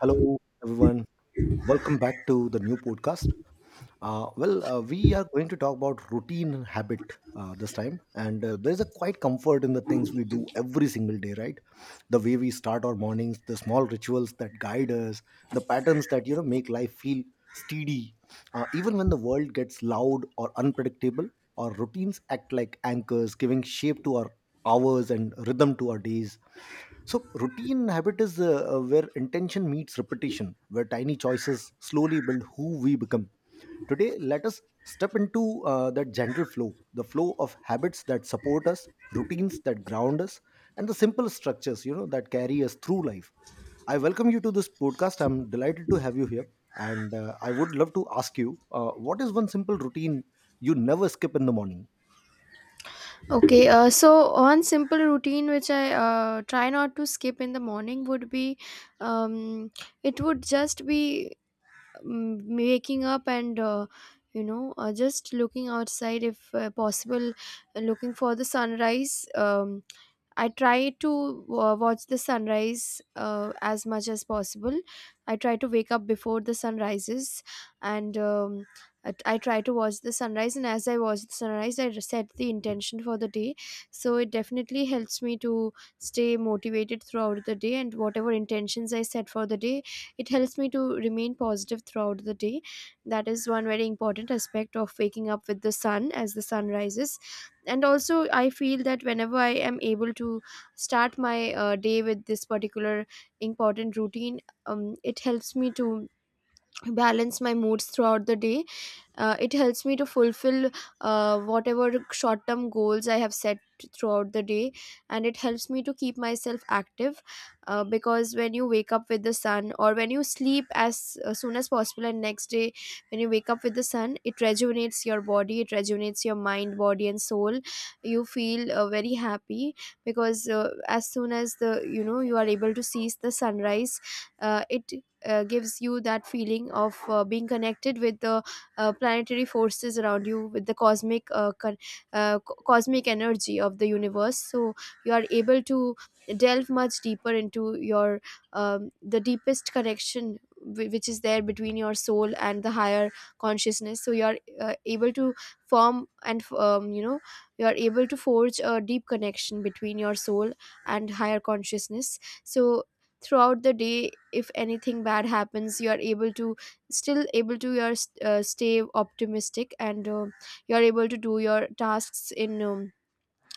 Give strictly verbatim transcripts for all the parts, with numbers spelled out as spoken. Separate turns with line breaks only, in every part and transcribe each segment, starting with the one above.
Hello, everyone. Welcome back to the new podcast. Uh, well, uh, we are going to talk about routine habit uh, this time, and uh, there's a quite comfort in the things we do every single day, right? The way we start our mornings, the small rituals that guide us, the patterns that you know make life feel steady, uh, even when the world gets loud or unpredictable. Our routines act like anchors, giving shape to our hours and rhythm to our days. So, routine habit is uh, uh, where intention meets repetition, where tiny choices slowly build who we become. Today, let us step into uh, that gentle flow, the flow of habits that support us, routines that ground us, and the simple structures, you know, that carry us through life. I welcome you to this podcast. I'm delighted to have you here. And uh, I would love to ask you, uh, what is one simple routine you never skip in the morning?
Okay, uh, so one simple routine which I uh, try not to skip in the morning would be um, it would just be um, waking up and uh, you know uh, just looking outside if uh, possible, uh, looking for the sunrise. Um, I try to uh, watch the sunrise uh, as much as possible. I try to wake up before the sun rises and um, I, I try to watch the sunrise. And as I watch the sunrise, I set the intention for the day. So it definitely helps me to stay motivated throughout the day. And whatever intentions I set for the day, it helps me to remain positive throughout the day. That is one very important aspect of waking up with the sun as the sun rises. And also I feel that whenever I am able to start my uh, day with this particular important routine, um, it helps me to balance my moods throughout the day. Uh, it helps me to fulfill uh, whatever short term goals I have set throughout the day, and it helps me to keep myself active uh, because when you wake up with the sun, or when you sleep as uh, soon as possible, and next day when you wake up with the sun, it rejuvenates your body, it rejuvenates your mind, body, and soul. You feel uh, very happy because uh, as soon as the you know you are able to see the sunrise, uh, it uh, gives you that feeling of uh, being connected with the uh, planetary forces around you, with the cosmic uh, con- uh, co- cosmic energy of the universe. So you are able to delve much deeper into your um, the deepest connection whi- which is there between your soul and the higher consciousness. So you are uh, able to form, and um, you know you are able to forge a deep connection between your soul and higher consciousness. So throughout the day, if anything bad happens, you are able to still able to your uh, stay optimistic, and uh, you're able to do your tasks in um,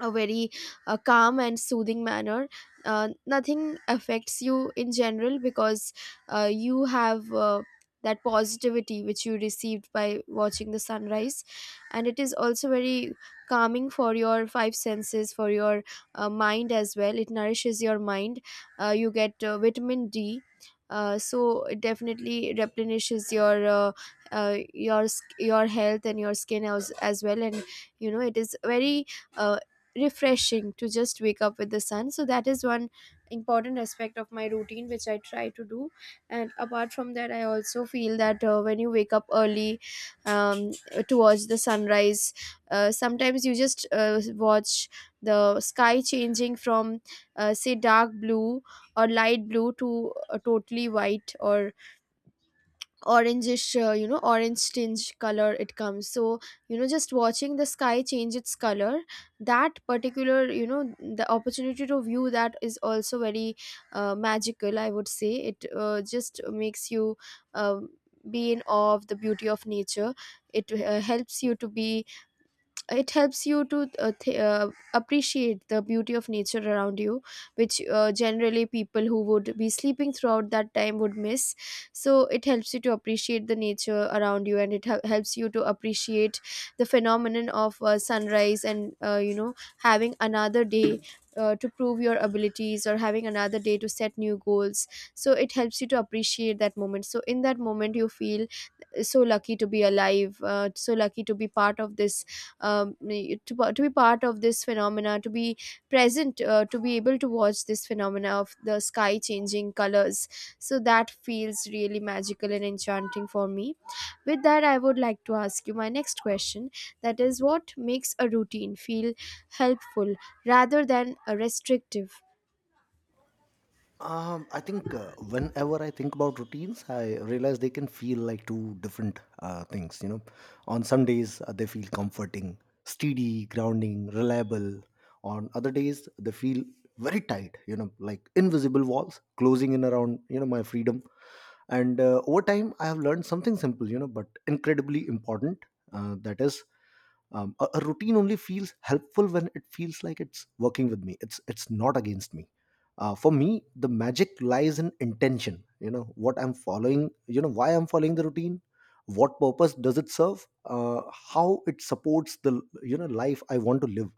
a very uh, calm and soothing manner. Uh, nothing affects you in general because uh, you have uh, that positivity which you received by watching the sunrise. And it is also very calming for your five senses, for your uh, mind as well. It nourishes your mind. Uh, you get uh, vitamin D. Uh, so it definitely replenishes your uh, uh, your sk- your health and your skin as, as well. And you know, it is very uh, refreshing to just wake up with the sun. So that is one important aspect of my routine which I try to do. And apart from that, I also feel that uh, when you wake up early, um, to watch the sunrise, uh, sometimes you just uh, watch the sky changing from uh, say dark blue or light blue to uh, totally white or orangish, uh, you know orange tinge color, it comes. So you know, just watching the sky change its color, that particular, you know, the opportunity to view that is also very uh, magical, I would say. It uh, just makes you um be in awe of the beauty of nature. It uh, helps you to be, it helps you to uh, th- uh, appreciate the beauty of nature around you, which uh, generally people who would be sleeping throughout that time would miss. So it helps you to appreciate the nature around you, and it hel- helps you to appreciate the phenomenon of uh, sunrise, and uh, you know having another day uh, to prove your abilities, or having another day to set new goals. So it helps you to appreciate that moment. So in that moment you feel so lucky to be alive, uh, so lucky to be part of this um, to, pa- to be part of this phenomena, to be present, uh, to be able to watch this phenomena of the sky changing colors. So that feels really magical and enchanting for me. With that, I would like to ask you my next question, that is, what makes a routine feel helpful rather than a restrictive?
Um, I think uh, whenever I think about routines, I realize they can feel like two different uh, things. You know, on some days uh, they feel comforting, steady, grounding, reliable. On other days they feel very tight. You know, like invisible walls closing in around you know my freedom. And uh, over time, I have learned something simple, you know, but incredibly important. Uh, that is, um, a, a routine only feels helpful when it feels like it's working with me. It's it's not against me. Uh, for me the magic lies in intention, you know, what I'm following, you know, why I'm following the routine, what purpose does it serve, uh, how it supports the, you know, life I want to live.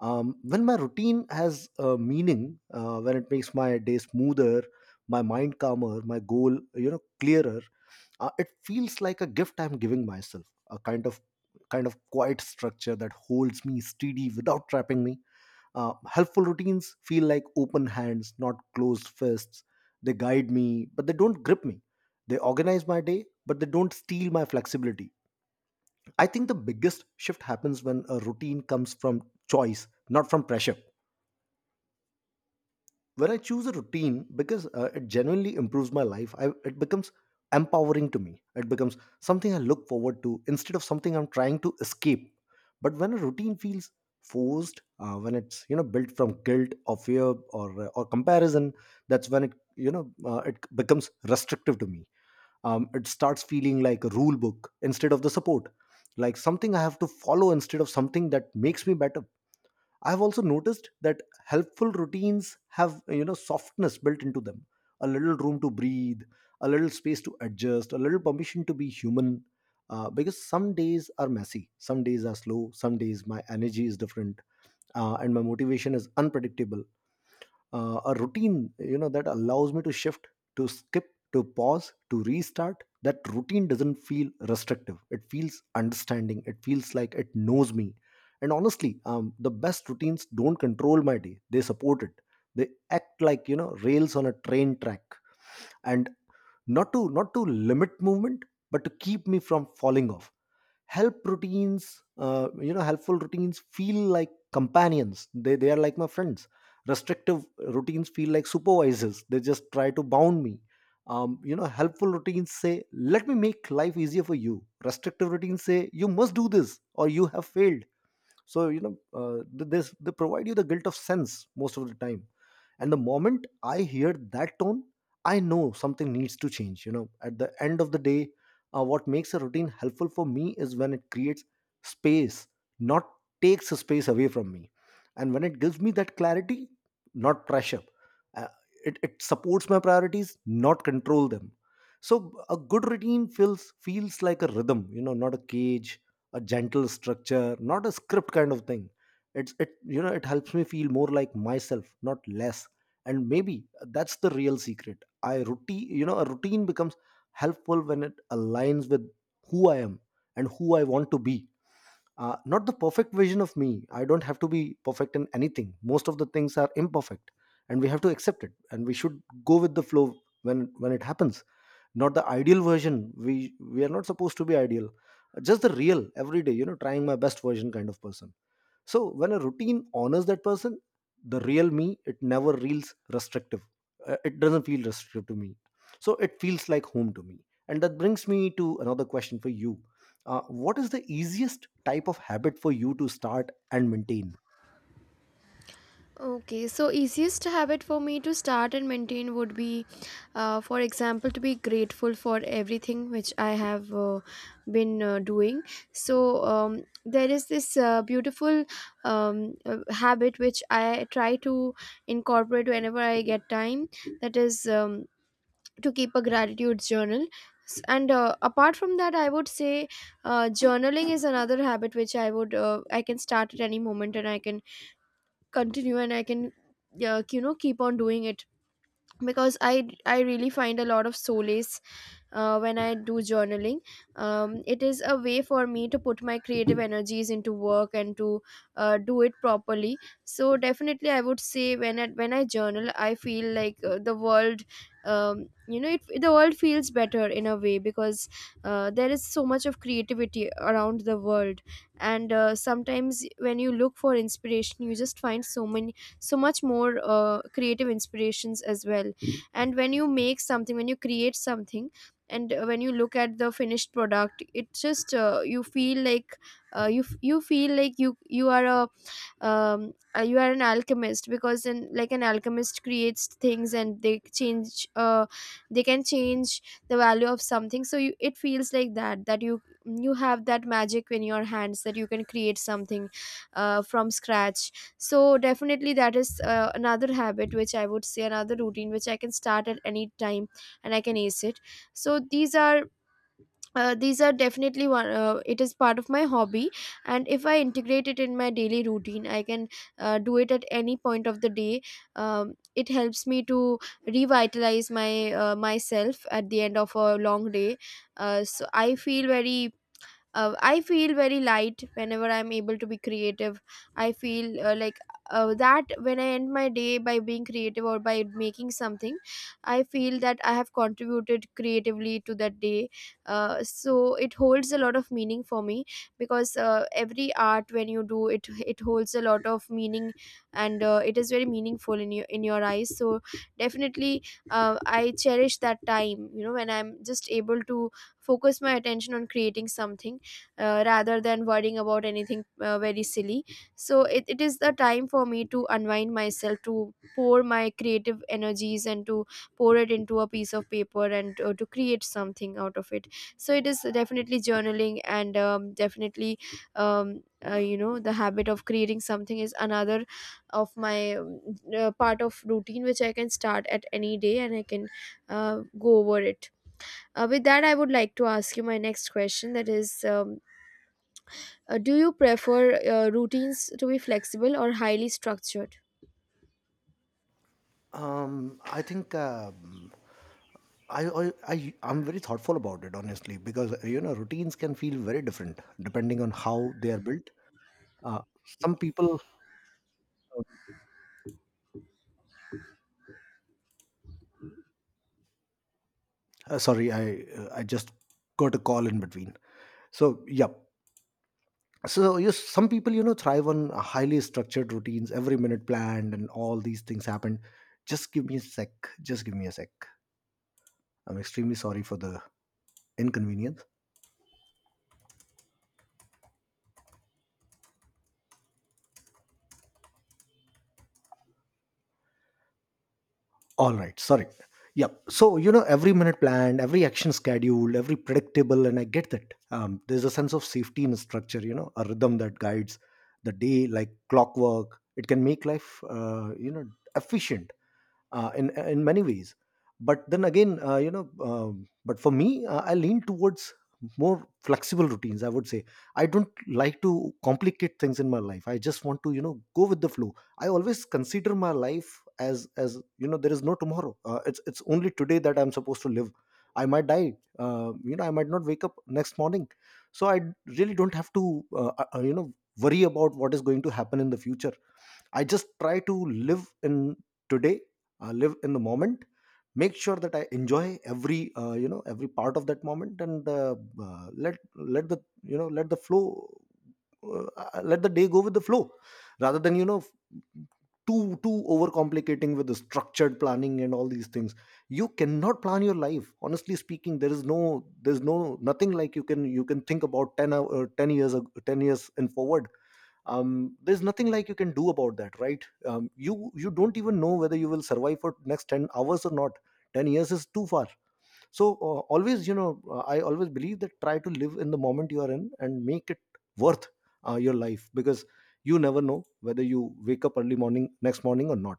Um, when my routine has uh, meaning, uh, when it makes my day smoother, my mind calmer, my goal, you know, clearer, uh, it feels like a gift I'm giving myself, a kind of kind of quiet structure that holds me steady without trapping me. Uh, helpful routines feel like open hands, not closed fists. They guide me, but they don't grip me. They organize my day, but they don't steal my flexibility. I think the biggest shift happens when a routine comes from choice, not from pressure. When I choose a routine because uh, it genuinely improves my life, I, it becomes empowering to me. It becomes something I look forward to instead of something I'm trying to escape. But when a routine feels forced, uh, when it's, you know, built from guilt or fear or uh, or comparison, that's when it you know uh, it becomes restrictive to me. Um, it starts feeling like a rule book instead of the support, like something I have to follow instead of something that makes me better. I've also noticed that helpful routines have, you know, softness built into them. A little room to breathe, a little space to adjust, a little permission to be human. Uh, because some days are messy, some days are slow, some days my energy is different, uh, and my motivation is unpredictable. Uh, a routine, you know, that allows me to shift, to skip, to pause, to restart, that routine doesn't feel restrictive, it feels understanding, it feels like it knows me. And honestly, um, the best routines don't control my day, they support it. They act like, you know, rails on a train track, and not to not to limit movement, but to keep me from falling off. Help routines uh, you know helpful routines feel like companions, they, they are like my friends. Restrictive routines feel like supervisors, they just try to bound me. Um, you know, helpful routines say let me make life easier for you, restrictive routines say you must do this or you have failed. So, you know, uh, th- this, they provide you the guilt of sense most of the time. And the moment I hear that tone, I know something needs to change, you know. At the end of the day, uh, what makes a routine helpful for me is when it creates space, not takes a space away from me, and when it gives me that clarity, not pressure. Uh, it, it supports my priorities, not control them. So a good routine feels feels like a rhythm, you know, not a cage, a gentle structure, not a script kind of thing. It's it, you know, it helps me feel more like myself, not less. And maybe that's the real secret. I routine you know a routine becomes helpful when it aligns with who I am and who I want to be, uh, not the perfect vision of me. I don't have to be perfect in anything, most of the things are imperfect, and we have to accept it, and we should go with the flow when when it happens. Not the ideal version, we we are not supposed to be ideal, just the real everyday, you know, trying my best version kind of person. So when a routine honors that person, the real me, it never feels restrictive. Uh, It doesn't feel restrictive to me. So it feels like home to me. And that brings me to another question for you. Uh, what is the easiest type of habit for you to start and maintain?
Okay, so easiest habit for me to start and maintain would be, uh, for example, to be grateful for everything which I have uh, been uh, doing. So um, there is this uh, beautiful um, uh, habit which I try to incorporate whenever I get time. That is um, to keep a gratitude journal. S- And uh, apart from that, I would say uh, journaling is another habit which I would uh, I can start at any moment, and I can continue, and I can uh, you know, keep on doing it, because I I really find a lot of solace uh, when I do journaling. Um, it is a way for me to put my creative energies into work, and to uh, do it properly. So definitely, I would say when I, when I journal, I feel like uh, the world. Um, you know, it, the world feels better in a way, because uh, there is so much of creativity around the world, and uh, sometimes when you look for inspiration, you just find so many, so much more uh, creative inspirations as well. And when you make something, when you create something, and uh, when you look at the finished product, it's just uh, you feel like uh, you f- you feel like you you are a um, uh, you are an alchemist, because in, like, an alchemist creates things, and they change uh, they can change the value of something. So you, it feels like that, that you you have that magic in your hands, that you can create something uh, from scratch. So definitely that is uh, another habit which I would say, another routine which I can start at any time, and I can ace it. So these are uh, these are definitely one, uh, it is part of my hobby, and if I integrate it in my daily routine, I can uh, do it at any point of the day. Um, it helps me to revitalize my uh, myself at the end of a long day. Uh, so I feel very uh, I feel very light whenever I'm able to be creative. I feel uh, like uh, that when I end my day by being creative or by making something, I feel that I have contributed creatively to that day. Uh, so it holds a lot of meaning for me, because uh, every art, when you do it, it holds a lot of meaning, and uh, it is very meaningful in your, in your eyes. So definitely, uh, I cherish that time, you know, when I'm just able to focus my attention on creating something, uh, rather than worrying about anything uh, very silly. So it, it is the time for me to unwind myself, to pour my creative energies, and to pour it into a piece of paper, and uh, to create something out of it. So it is definitely journaling, and um, definitely um, uh, you know the habit of creating something is another of my um, uh, part of routine which I can start at any day, and I can uh, go over it. Uh, with that, I would like to ask you my next question, that is, um, uh, do you prefer uh, routines to be flexible or highly structured?
Um, I think um, I, I I I'm very thoughtful about it, honestly, because, you know, routines can feel very different depending on how they are built. Uh, some people, uh, sorry, I uh, I just got a call in between. So, yeah. So, yes, some people, you know, thrive on uh, highly structured routines, every minute planned, and all these things happen. Just give me a sec. Just give me a sec. I'm extremely sorry for the inconvenience. All right. Sorry. Yep. So, you know, every minute planned, every action scheduled, every predictable, and I get that. Um, there's a sense of safety in structure, you know, a rhythm that guides the day like clockwork. It can make life, uh, you know, efficient uh, in in many ways. But then again, uh, you know, um, but for me, uh, I lean towards more flexible routines, I would say. I don't like to complicate things in my life, I just want to, you know, go with the flow. I always consider my life as as you know, there is no tomorrow. Uh, it's it's only today that I'm supposed to live. I might die. Uh, you know, I might not wake up next morning. So I really don't have to, uh, uh, you know, worry about what is going to happen in the future. I just try to live in today, uh, live in the moment, make sure that I enjoy every, uh, you know, every part of that moment. And uh, uh, let let the, you know, let the flow, uh, uh, let the day go with the flow, rather than, you know, f- too too overcomplicating with the structured planning and all these things. You cannot plan your life, honestly speaking. There is no there's no nothing like you can, you can think about ten hour, ten years ag- ten years and forward. Um, there's nothing like you can do about that, right? Um, you, you don't even know whether you will survive for next ten hours or not. ten years is too far. So uh, always, you know, uh, I always believe that try to live in the moment you are in and make it worth uh, your life, because you never know whether you wake up early morning next morning or not.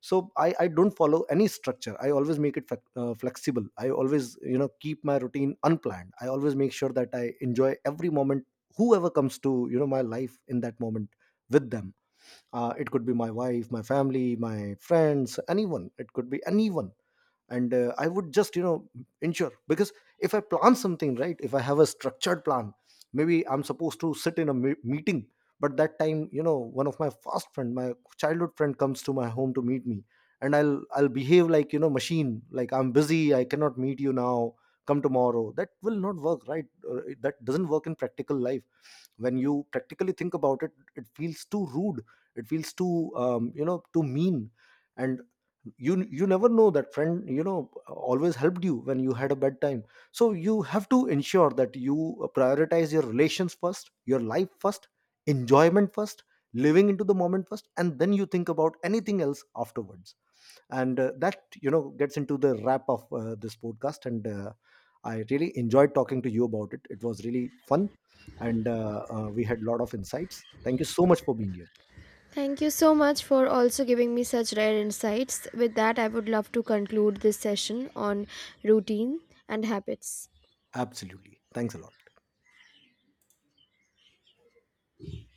So i, I don't follow any structure, I always make it flex- uh, flexible, I always, you know, keep my routine unplanned, I always make sure that I enjoy every moment, whoever comes to, you know, my life in that moment. With them, uh, it could be my wife, my family, my friends, anyone, it could be anyone. And uh, I would just, you know, ensure, because if I plan something, right, if I have a structured plan, maybe I'm supposed to sit in a me- meeting, but that time, you know, one of my fast friend, my childhood friend, comes to my home to meet me, and i'll i'll behave like, you know, machine, like I'm busy, I cannot meet you now, come tomorrow, that will not work, right? Uh, that doesn't work in practical life. When you practically think about it, it feels too rude, it feels too, um, you know, too mean. And you you never know that friend, you know, always helped you when you had a bad time. So you have to ensure that you uh, prioritize your relations first, your life first, enjoyment first, living into the moment first, and then you think about anything else afterwards. And uh, that, you know, gets into the wrap of uh, this podcast. And uh, I really enjoyed talking to you about it, it was really fun. And uh, uh, we had a lot of insights. Thank you so much for being here.
Thank you so much for also giving me such rare insights. With that, I would love to conclude this session on routine and habits.
Absolutely, thanks a lot.